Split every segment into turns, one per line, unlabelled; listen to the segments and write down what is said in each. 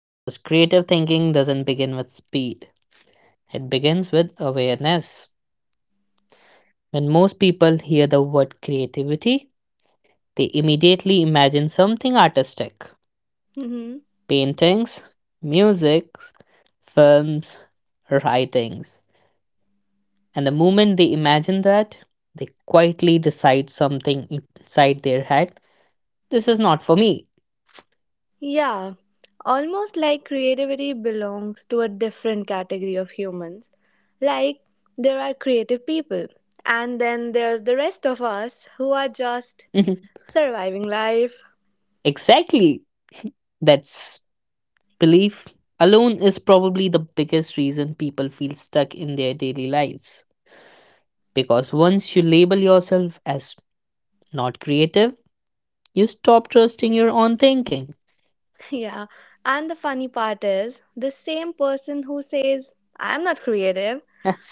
because creative thinking doesn't begin with speed, it begins with awareness. When most people hear the word creativity, they immediately imagine something artistic
Mm-hmm.
paintings, music, films, writings. And the moment they imagine that, they quietly decide something inside their head. This is not for me.
Yeah. Almost like creativity belongs to a different category of humans. Like, there are creative people, and then there's the rest of us who are just
Mhm.
surviving life.
Exactly. That's belief alone is probably the biggest reason people feel stuck in their daily lives. Because once you label yourself as not creative, you stop trusting your own thinking,
Yeah. And the funny part is, the same person who says, I'm not creative,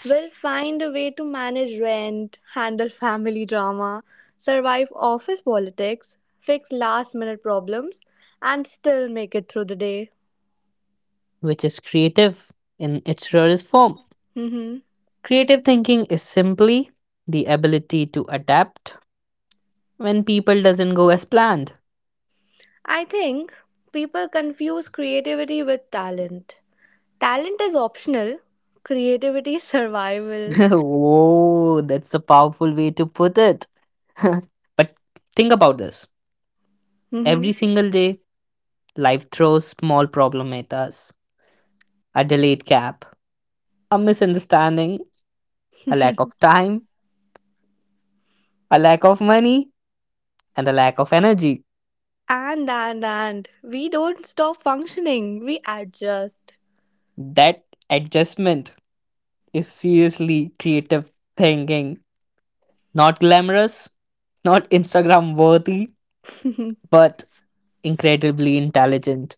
will find a way to manage rent, handle family drama, survive office politics, fix last minute problems, and still make it through the day.
which is creative in its rarest form.
hmm
Creative thinking is simply the ability to adapt when people doesn't go as planned.
I think people confuse creativity with talent. Talent is optional, creativity is survival.
Whoa, that's a powerful way to put it. But think about this.
Hmm.
Every single day, life throws small problem at us. A delayed cab, a misunderstanding, a lack of time, a lack of money, and a lack of energy.
We don't stop functioning, we adjust.
That adjustment is seriously creative thinking. Not glamorous, not Instagram worthy, but incredibly intelligent.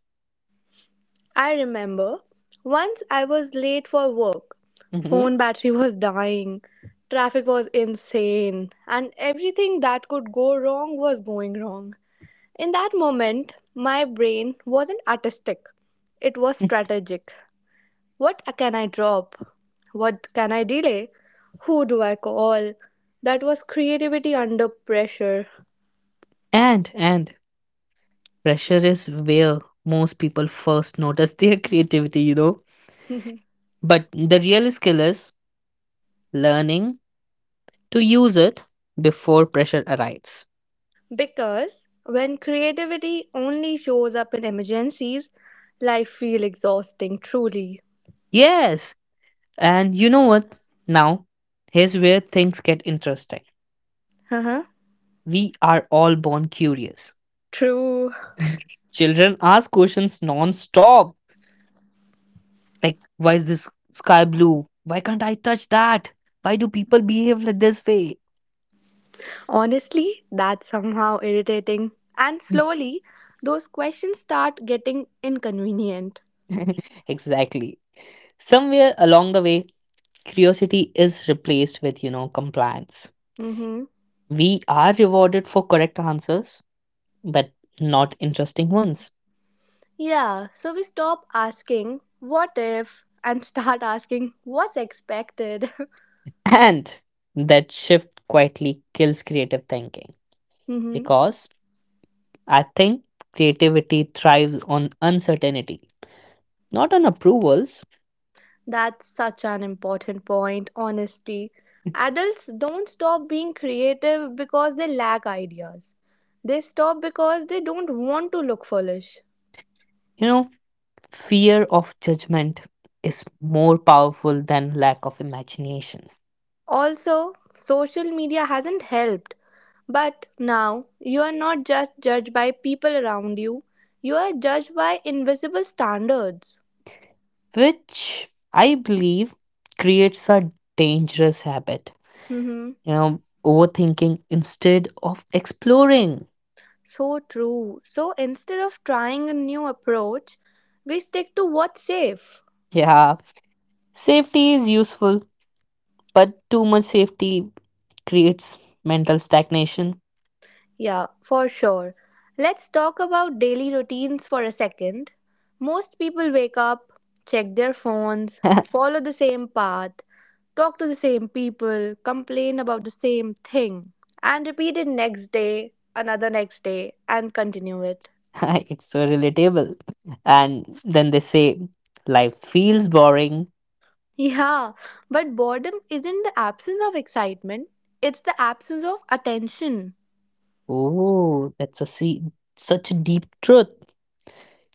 I remember once I was late for work.
Mhm.
Phone battery was dying, traffic was insane, and everything that could go wrong was going wrong. In that moment, my brain wasn't artistic, it was strategic. What can I drop? What can I delay? Who do I call? That was creativity under pressure.
And pressure is where most people first notice their creativity, But the real skill is learning to use it before pressure arrives.
Because when creativity only shows up in emergencies, life feels exhausting truly.
Yes, and you know what? Now, here's where things get interesting.
Uh-huh.
We are all born curious.
True.
Children ask questions non-stop, like why is this sky blue? Why can't I touch that? Why do people behave like this way?
Honestly, that's somehow irritating. And slowly, those questions start getting inconvenient.
Exactly. Somewhere along the way, curiosity is replaced with, compliance.
Mm-hmm.
We are rewarded for correct answers, but not interesting ones.
Yeah, so we stop asking, what if, and start asking, what's expected?
And that shift quietly kills creative thinking
Mm-hmm.
because I think creativity thrives on uncertainty, not on approvals.
That's such an important point, honesty. Adults don't stop being creative because they lack ideas. They stop because they don't want to look foolish.
You know, fear of judgment is more powerful than lack of imagination,
Also, social media hasn't helped, but now you are not just judged by people around you, you are judged by invisible standards.
which I believe creates a dangerous habit.
Hmm.
You know, overthinking instead of exploring.
So true. So instead of trying a new approach, we stick to what's safe.
Yeah, safety is useful, but too much safety creates mental stagnation.
Yeah, for sure. Let's talk about daily routines for a second. Most people wake up, check their phones, follow the same path, talk to the same people, complain about the same thing, and repeat it next day, another next day, and continue it.
It's so relatable. And then they say life feels boring.
Yeah, but boredom isn't the absence of excitement, it's the absence of attention.
Oh, that's a see such a deep truth.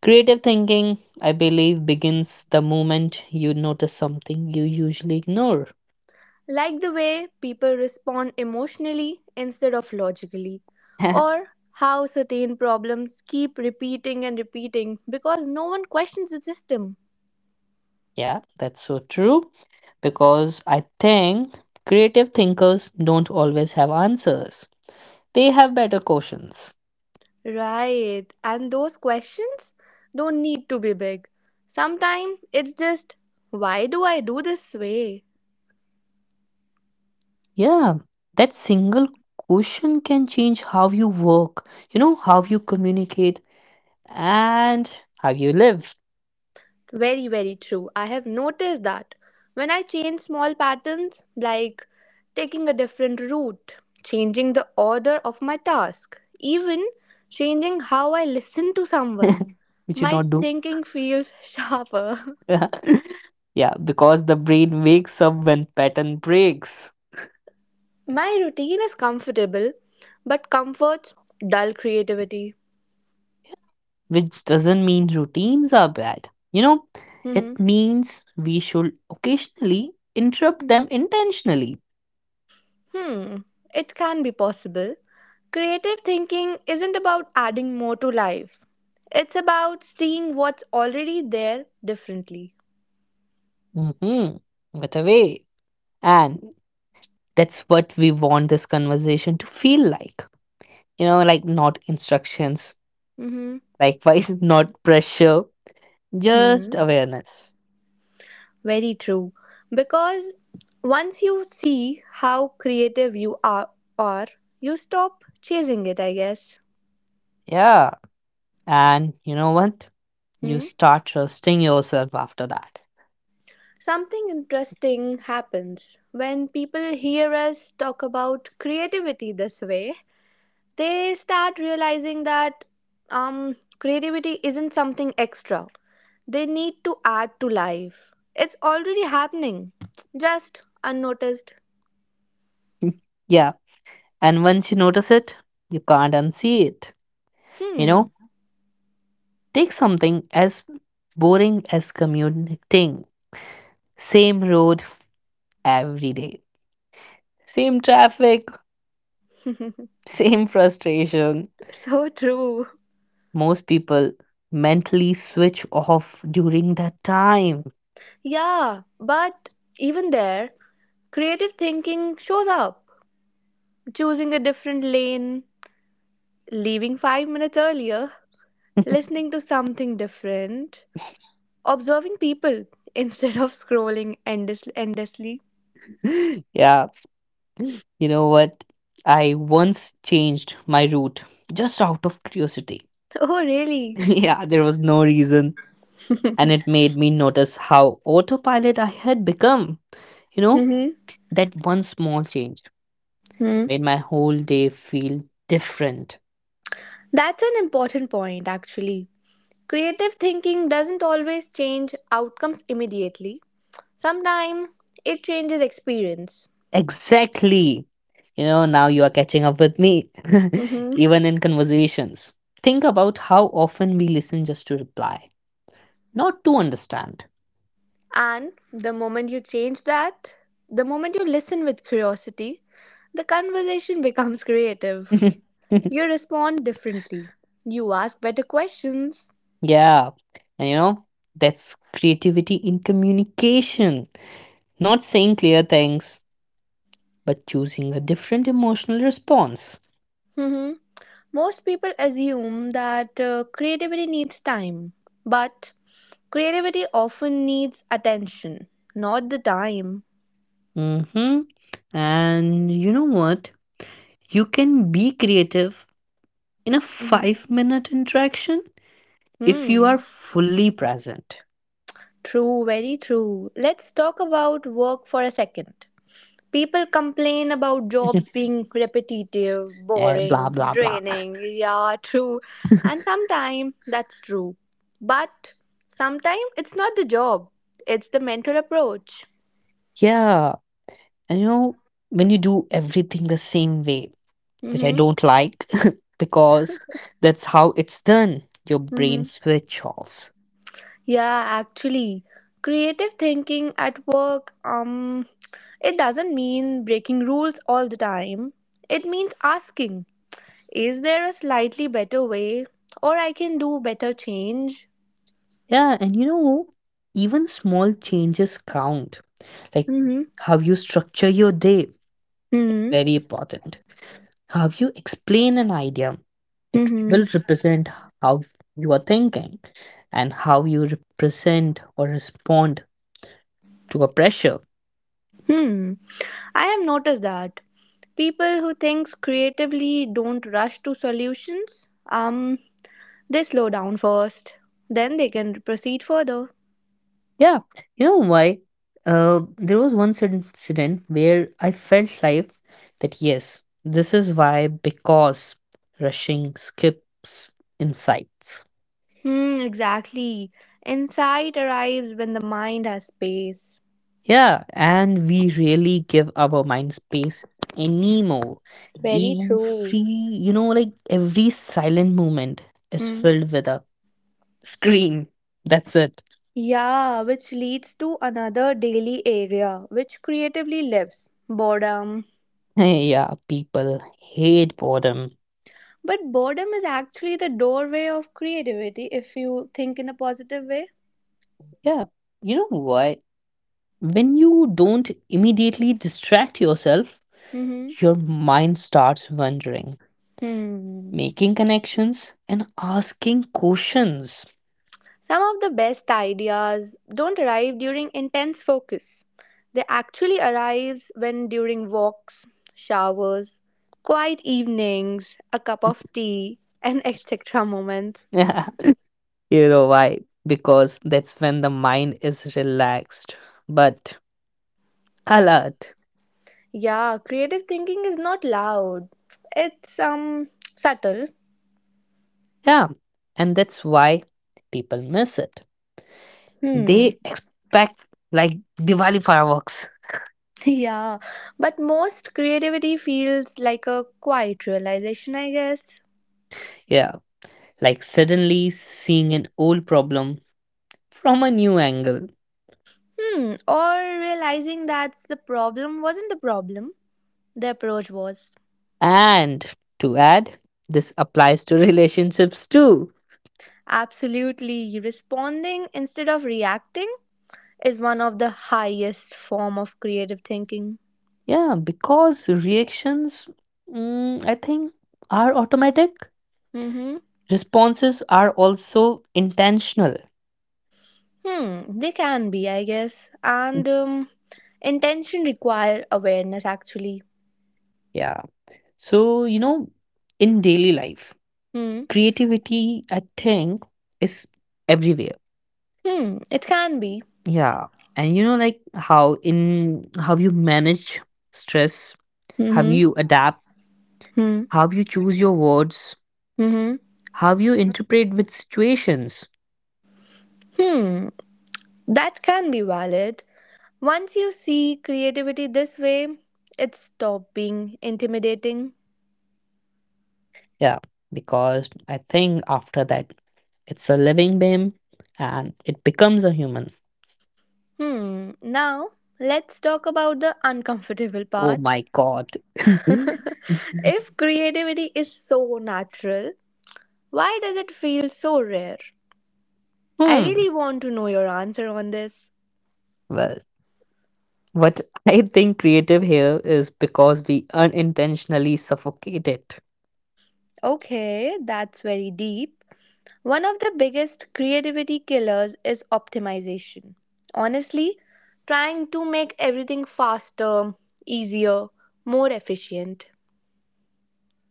Creative thinking, I believe, begins the moment you notice something you usually ignore.
Like the way people respond emotionally instead of logically, or how certain problems keep repeating and repeating because no one questions the system.
Yeah, that's so true, because I think creative thinkers don't always have answers. They have better questions.
Right, and those questions don't need to be big. Sometimes it's just, why do I do this way?
Yeah, that single question can change how you work, you know, how you communicate and how you live,
Very, very true. I have noticed that when I change small patterns, like taking a different route, changing the order of my task, even changing how I listen to someone,
which you
my
not do.
thinking feels sharper.
Yeah, because the brain wakes up when pattern breaks,
My routine is comfortable, but comforts dull creativity.
which doesn't mean routines are bad. You know, it
Mhm.
means we should occasionally interrupt them intentionally.
Hmm, it can be possible. Creative thinking isn't about adding more to life. It's about seeing what's already there differently.
Mm-hmm. But away. And that's what we want this conversation to feel like. You know, like not instructions,
Mhm.
likewise, not pressure, just
Hmm.
awareness.
Very true. Because once you see how creative you are you stop chasing it, I guess.
Yeah. And you know what? You
Hmm?
start trusting yourself after that.
Something interesting happens when people hear us talk about creativity this way. They start realizing that um, creativity isn't something extra. They need to add to life. It's already happening, just unnoticed.
Yeah, and once you notice it, you can't unsee it. You
Hmm,
know, take something as boring as commuting. Same road every day, same traffic, same frustration.
so true.
Most people mentally switch off during that time.
Yeah, but even there, creative thinking shows up. Choosing a different lane, leaving 5 minutes earlier, listening to something different, observing people instead of endlessly.
Yeah, you know what? I once changed my route just out of curiosity.
Oh, really?
Yeah, there was no reason. And it made me notice how autopilot I had become. You know,
Hmm.
that one small change made my whole day feel different.
That's an important point, actually. Creative thinking doesn't always change outcomes immediately. Sometimes it changes experience.
Exactly. You know, now you are catching up with me,
Mm-hmm.
even in conversations. Think about how often we listen just to reply, not to understand.
And the moment you change that, the moment you listen with curiosity, the conversation becomes creative.
Yeah.
You respond differently. You ask better questions.
And you know, that's creativity in communication. Not saying clear things, but choosing a different emotional response.
Mhm. Most people assume that creativity needs time, but creativity often needs attention, not the time.
Mm-hmm. And you know what? You can be creative in a
Mm-hmm.
5-minute interaction if you
Hmm.
are fully present.
True, very true. Let's talk about work for a second. People complain about jobs being repetitive,
Eh,
boring,
blah, blah, blah.
draining. Yeah, true. And sometimes that's true. But sometimes it's not the job, it's the mental approach.
Yeah. And you know, when you do everything the same way, which I
Mm-hmm.
don't like because that's how it's done, your brain
Mm-hmm.
switch offs.
Yeah, actually, creative thinking at work, it doesn't mean breaking rules all the time. It means asking, is there a slightly better way, or I can do better change?
Yeah, and you know, even small changes count. Like
Mm-hmm.
how you structure your day,
Hmm.
very important. How you explain an idea, it
Hmm.
will represent how you are thinking and how you represent or respond to a pressure.
Hmm. I have noticed that people who think creatively don't rush to solutions. They slow down first, then they can proceed further.
Yeah, you know why? There was one certain incident where I felt like that yes, this is why because rushing skips insights.
Hmm. Exactly. Insight arrives when the mind has space.
Yeah, and we really give our mind space anymore.
Very true.
Every, you know, like every silent moment is
Hmm.
filled with a scream. That's it.
Yeah, which leads to another daily area which creatively lives boredom.
Yeah, people hate boredom.
But boredom is actually the doorway of creativity if you think in a positive way.
Yeah, you know why? When you don't immediately distract yourself,
Mm-hmm.
your mind starts wondering,
Hmm.
making connections, and asking questions.
Some of the best ideas don't arrive during intense focus. They actually arrive when during walks, showers, quiet evenings, a cup of tea, and etc. moments.
You know why? Because that's when the mind is relaxed, but alert.
Yeah, creative thinking is not loud. It's subtle.
Yeah. And that's why people miss it.
Hmm.
They expect like Diwali fireworks.
Yeah, but most creativity feels like a quiet realization, I guess.
Yeah. Like suddenly seeing an old problem from a new angle.
Hmm, or realizing that the problem wasn't the problem, the approach was.
And to add, this applies to relationships too.
Absolutely, responding instead of reacting is one of the highest form of creative thinking.
Yeah. Because reactions, I think, are automatic.
Mm-hmm.
Responses are also intentional.
Hmm, they can be, I guess. And intention require awareness, actually.
Yeah. So, you know, in daily life,
Hmm.
creativity, I think, is everywhere.
Hmm, it can be.
Yeah. And you know, like how in how you manage stress, how you
Mm-hmm.
adapt,
Hmm.
how you choose your words,
Mm-hmm.
how you interpret with situations.
Hmm. That can be valid. Once you see creativity this way, it stops being intimidating.
Yeah. Because I think after that, it's a living being and it becomes a human.
Hmm, now let's talk about the uncomfortable
Oh
part.
my God.
If creativity is so natural, why does it feel so rare? I
Hmm.
really want to know your answer on this.
Well, what I think creative here is because we unintentionally suffocate it.
Okay, that's very deep. One of the biggest creativity killers is optimization. Honestly, trying to make everything faster, easier, more efficient.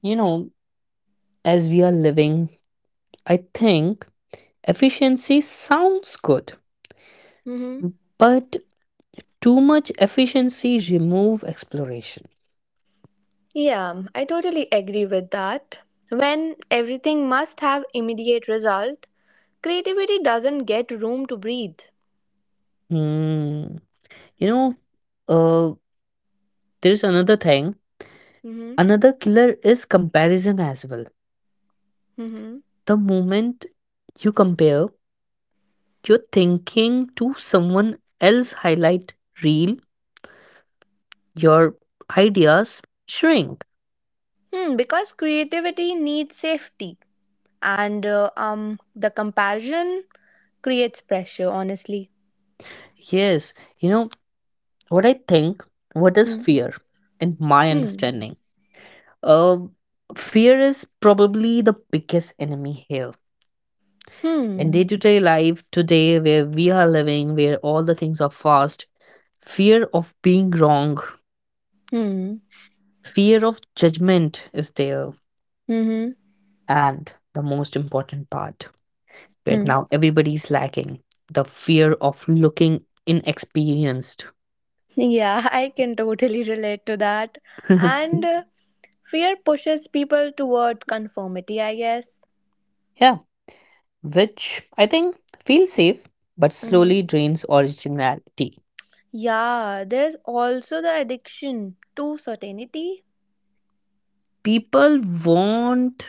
You know, as we are living, I think efficiency sounds good,
Hmm.
but too much efficiency remove exploration.
Yeah, I totally agree with that. When everything must have immediate result, creativity doesn't get room to breathe.
Hmm. You know, uh, there's another thing.
Hmm.
Another killer is comparison as well.
Hmm.
The moment you compare your thinking to someone else highlight reel, your ideas shrink.
Hmm, because creativity needs safety, and the comparison creates pressure. Honestly.
Yes, you know what I think? What is
Hmm.
fear in my
Hmm.
understanding? Uh, Fear is probably the biggest enemy here. In
Hmm.
day to day life today, where we are living, where all the things are fast, fear of being wrong,
Hmm.
fear of judgment is there.
Mm-hmm.
And the most important part, where
Hmm.
now everybody's lacking, the fear of looking inexperienced.
Yeah, I can totally relate to that. And fear pushes people toward conformity, I guess.
Yeah, which I think feels safe but
Mm-hmm.
slowly drains originality.
Yeah, there's also the addiction to certainty.
People want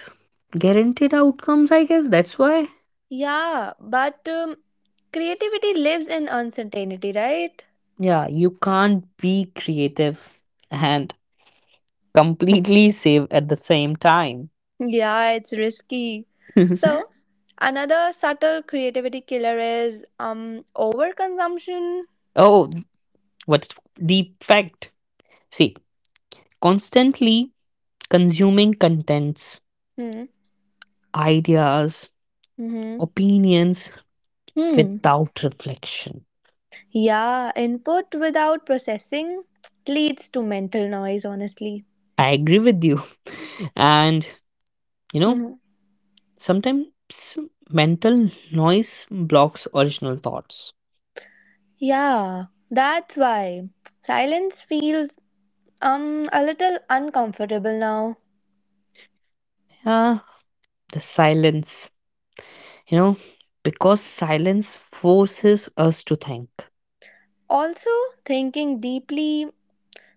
guaranteed outcomes, I guess. That's why.
Yeah, but creativity lives in uncertainty, right?
Yeah, you can't be creative and completely save at the same time.
Yeah, it's risky. So, another subtle creativity killer is overconsumption.
Oh, what deep fact. See, constantly consuming contents,
Hmm.
ideas,
Mm-hmm.
opinions
Hmm.
without reflection.
Yeah, input without processing leads to mental noise, honestly.
I agree with you. And, you know,
Mhm.
sometimes mental noise blocks original thoughts.
Yeah, that's why silence feels a little uncomfortable now.
Yeah, the silence, you know, because silence forces us to think.
Also, thinking deeply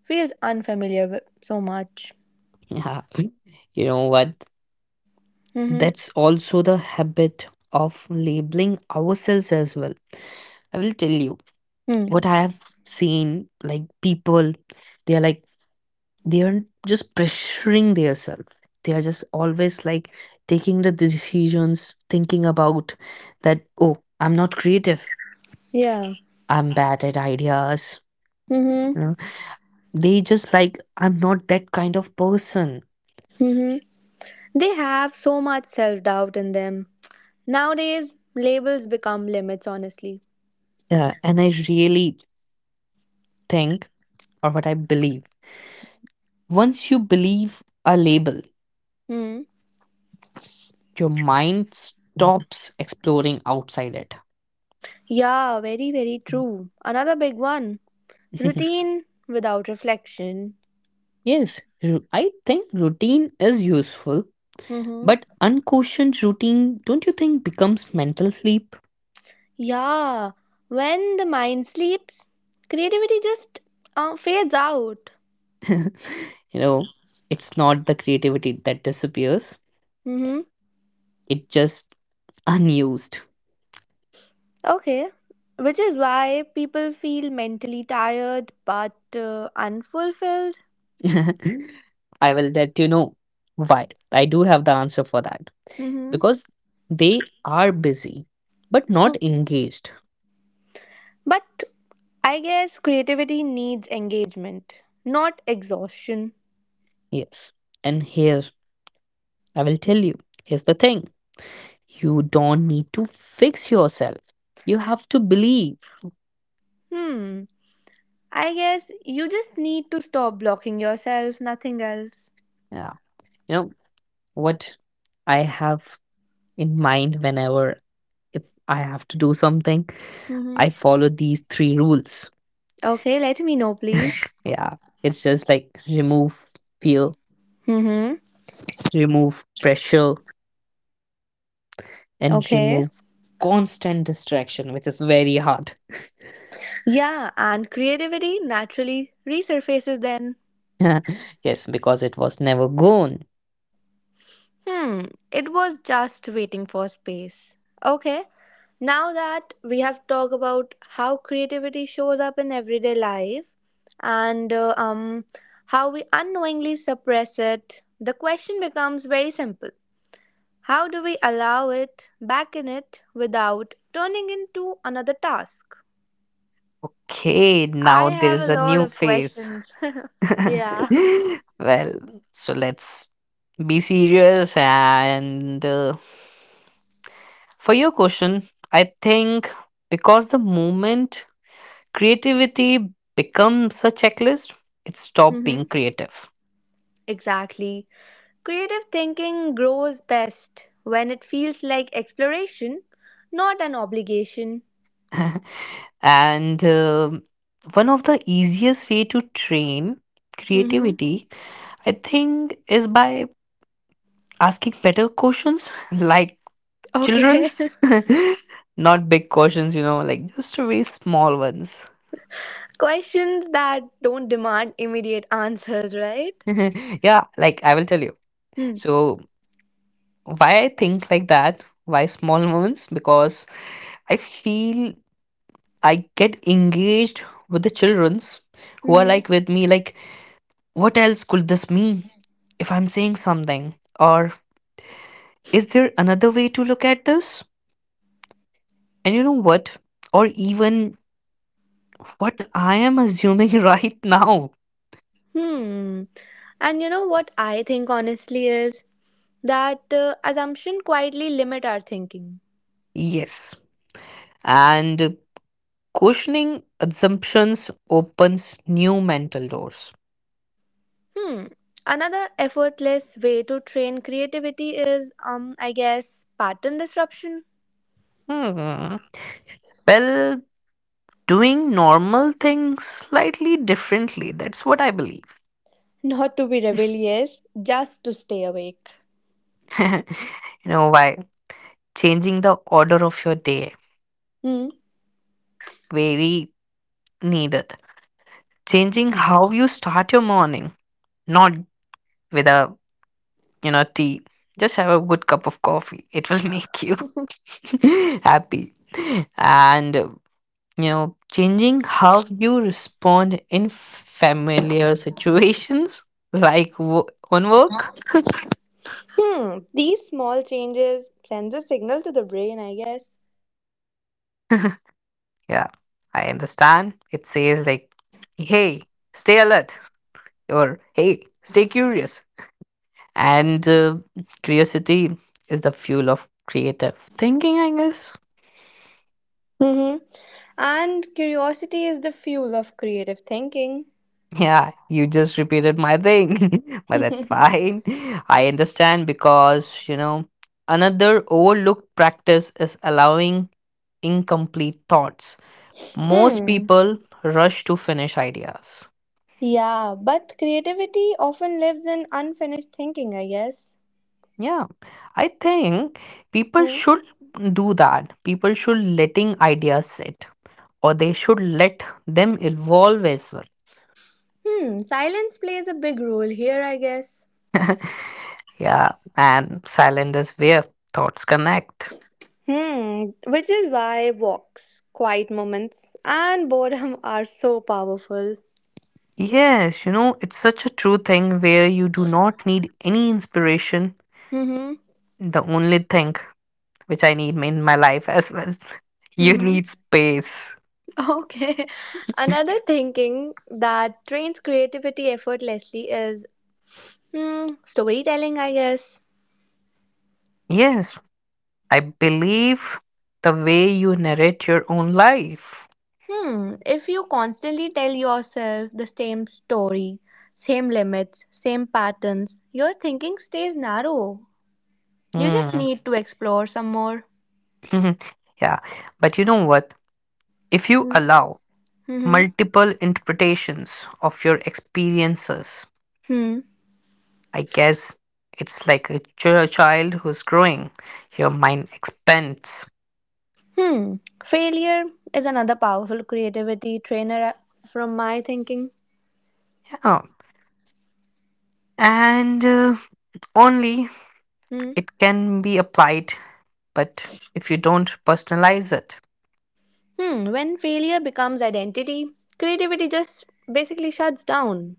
feels unfamiliar with so much.
Yeah. You know what?
Mm-hmm.
That's also the habit of labeling ourselves as well. I will tell you
Hmm.
what I have seen like people, they are like, they aren't just pressuring themselves they are just always like taking the decisions thinking about that oh I'm not creative
Yeah.
I'm bad at ideas
Mm-hmm.
you know they just like I'm not that kind of person.
Mm-hmm. They have so much self-doubt in them. Nowadays, labels become limits, honestly.
Yeah, and I really think or what I believe once you believe a label
Hmm.
your mind stops exploring outside it.
Yeah, very, very true. Another big one routine without reflection.
Yes, I think routine is useful.
Mm-hmm.
But unquestioned routine, don't you think, becomes mental sleep?
Yeah, when the mind sleeps, creativity just fades out.
You know, it's not the creativity that disappears,
Mm-hmm.
it just unused.
Okay, which is why people feel mentally tired but unfulfilled.
I will let you know why. I do have the answer for that.
Mm-hmm.
Because they are busy, but not engaged.
But I guess creativity needs engagement, not exhaustion.
Yes. And here, I will tell you here's the thing you don't need to fix yourself, you have to believe.
Hmm. I guess you just need to stop blocking yourself, nothing else.
Yeah. You know, what I have in mind whenever if I have to do something.
Mm-hmm.
I follow these three rules.
Okay, let me know, please.
Yeah, it's just like remove fear,
Mm-hmm.
remove pressure,
Okay.
and remove constant distraction, which is very hard.
Yeah, and creativity naturally resurfaces then.
Yes, because it was never gone.
Hmm, it was just waiting for space. Okay, now that we have talked about how creativity shows up in everyday life and how we unknowingly suppress it, the question becomes very simple. How do we allow it back in it without turning into another task?
Okay,
I
now there
have a
is a
lot
new
of
phase.
questions. Yeah.
Well, so let's be serious and for your question, I think because the moment creativity becomes a checklist, it stopped
Mm-hmm.
being creative.
Exactly. Creative thinking grows best when it feels like exploration, not an obligation.
And one of the easiest way to train
Hmm.
creativity, I think, is by asking better questions like
Okay.
Children's? Not big cautions, you know, like just very small ones.
Questions that don't demand immediate answers, right?
Yeah, like I will tell you.
Hmm.
So, why I think like that, why small moments? Because I feel I get engaged with the children's who are
Hmm.
like with me, like, what else could this mean if I'm saying something? Or is there another way to look at this? And you know what? Or even what I am assuming right now.
Hmm. And you know what I think honestly is that assumption quietly limit our thinking.
Yes. And questioning assumptions opens new mental doors.
Hmm. Another effortless way to train creativity is, I guess, pattern disruption.
Hmm. Well, doing normal things slightly differently. That's what I believe.
Not to be rebellious, just to stay awake.
You know why? Changing the order of your day
Hmm.
is very needed. Changing how you start your morning, not with a you know tea. Just have a good cup of coffee. It will make you happy. And you know, changing how you respond in familiar situations, like on work.
These small changes sends a signal to the brain, I guess.
Yeah, I understand. It says like, "Hey, stay alert," or "Hey, stay curious." And curiosity is the fuel of creative thinking, I guess.
Mm-hmm. And curiosity is the fuel of creative thinking.
Yeah, you just repeated my thing, but that's fine. I understand because, you know, another overlooked practice is allowing incomplete thoughts. Most
Hmm.
people rush to finish ideas.
Yeah, but creativity often lives in unfinished thinking, I guess.
Yeah, I think people
Hmm.
should do that. People should letting ideas sit or they should let them evolve as well.
Hmm. Silence plays a big role here, I guess.
Yeah, and silent is where thoughts connect.
Hmm. Which is why walks, quiet moments, and boredom are so powerful.
Yes, you know, it's such a true thing where you do not need any inspiration.
Mm-hmm.
The only thing which I need in my life as well, you
Mm-hmm.
need space.
Okay. Another thinking that trains creativity effortlessly is storytelling, I guess.
Yes, I believe the way you narrate your own life.
If you constantly tell yourself the same story, same limits, same patterns, your thinking stays narrow. You just
Hmm.
need to explore some more.
Yeah, but you know what? If you allow
Mm-hmm.
multiple interpretations of your experiences,
Hmm.
I guess it's like a child who's growing. Your mind expands.
Hmm. Failure is another powerful creativity trainer from my thinking.
Yeah and only
Hmm.
it can be applied but if you don't personalize it
Hmm. When failure becomes identity, creativity just basically shuts down.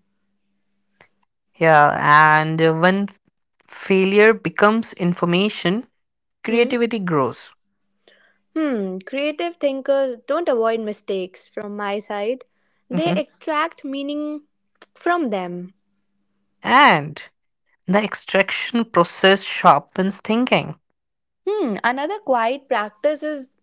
yeah and when failure becomes information
Hmm.
creativity grows.
Creative thinkers don't avoid mistakes from my side. They
Mhm.
extract meaning from them.
And the extraction process sharpens thinking
Another quiet practice is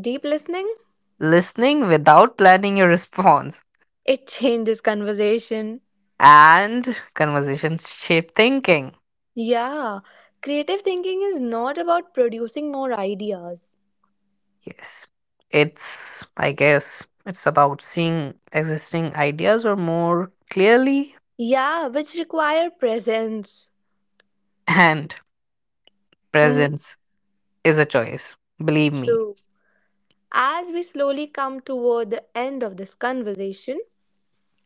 deep listening.
listening without planning your response
It changes conversation.
and conversations shape thinking.
Yeah, creative thinking is not about producing more ideas.
Yes, it's I guess it's about seeing existing ideas or more clearly
Yeah, which require presence.
and
hmm
presence is a choice. Believe me.
True. As we slowly come toward the end of this conversation,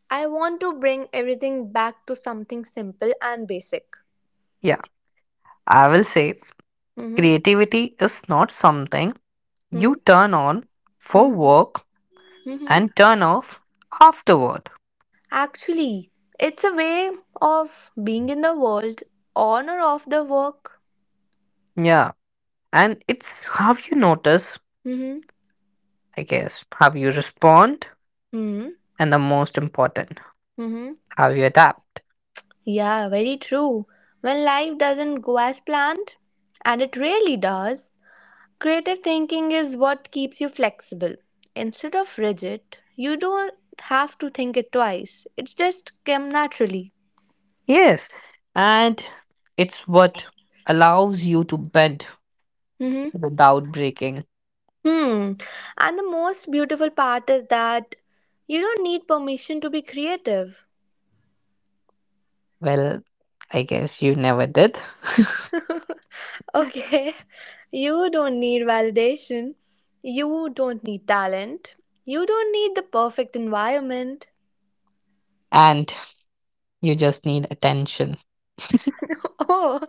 I want to bring everything back to something simple and basic.
Yeah, I will say
Mm-hmm.
creativity is not something you
Mm-hmm.
turn on for work
Mm-hmm.
and turn off afterward.
Actually, it's a way of being in the world on or off the work.
Yeah, and it's how you notice,
Mm-hmm.
I guess, how you respond,
Mm-hmm.
and the most important,
Mm-hmm.
how you adapt.
Yeah, very true. When life doesn't go as planned, and it really does, creative thinking is what keeps you flexible. Instead of rigid, you don't have to think it twice. It just came naturally.
Yes, and it's what allows you to bend
Mm-hmm.
without breaking.
Hmm. And the most beautiful part is that you don't need permission to be creative.
Well, I guess you never did.
Okay. You don't need validation. You don't need talent. You don't need the perfect environment.
And you just need attention.
Oh,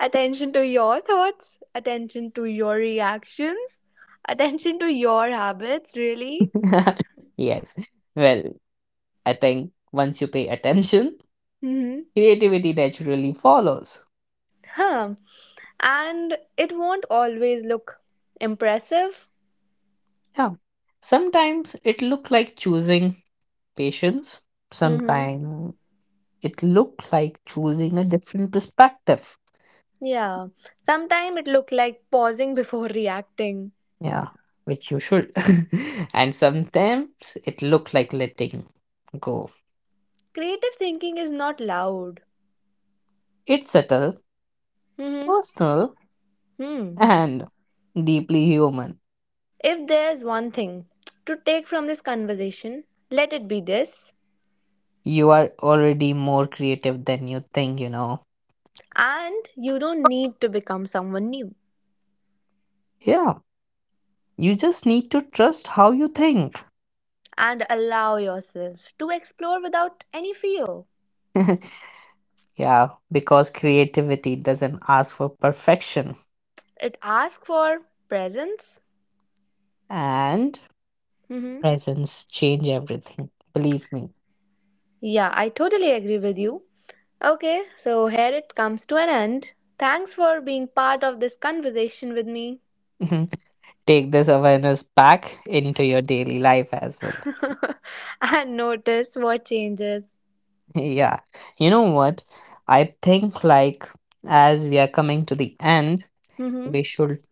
attention to your thoughts, attention to your reactions, attention to your habits, really.
Yes. Well, I think once you pay attention,
hmm
creativity naturally follows.
Huh. And it won't always look impressive.
Yeah. Sometimes it look like choosing patience.
Hmm.
Sometimes it look like choosing a different perspective.
Yeah, sometimes it looked like pausing before reacting.
Yeah, which you should. And sometimes it look like letting go.
Creative thinking is not loud.
It's subtle,
hmm
personal,
Hmm.
and deeply human.
If there's one thing to take from this conversation, let it be this.
You are already more creative than you think, you know.
And you don't need to become someone new.
Yeah, you just need to trust how you think.
And allow yourself to explore without any fear.
Yeah, because creativity doesn't ask for perfection
It asks for presence.
and
hmm
presence change everything. Believe me.
Yeah, I totally agree with you. Okay, so here it comes to an end. Thanks for being part of this conversation with me.
Take this awareness back into your daily life as well.
and notice what changes.
Yeah. You know what? I think like as we are coming to the end,
Mm-hmm.
we should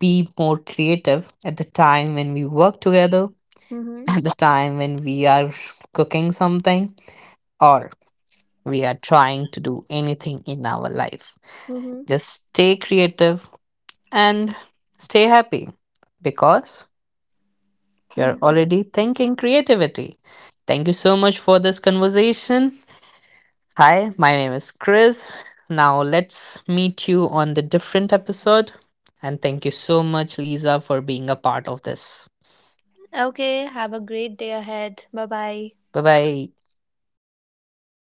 be more creative at the time when we work together
Mm-hmm.
at the time when we are cooking something or we are trying to do anything in our life.
Mm-hmm.
Just stay creative and stay happy because you're
Mm-hmm.
already thinking creativity. Thank you so much for this conversation. Hi, my name is Chris. Now let's meet you on the different episode. And thank you so much, Lisa, for being a part of this.
Okay, have a great day ahead. Bye bye.
Bye bye.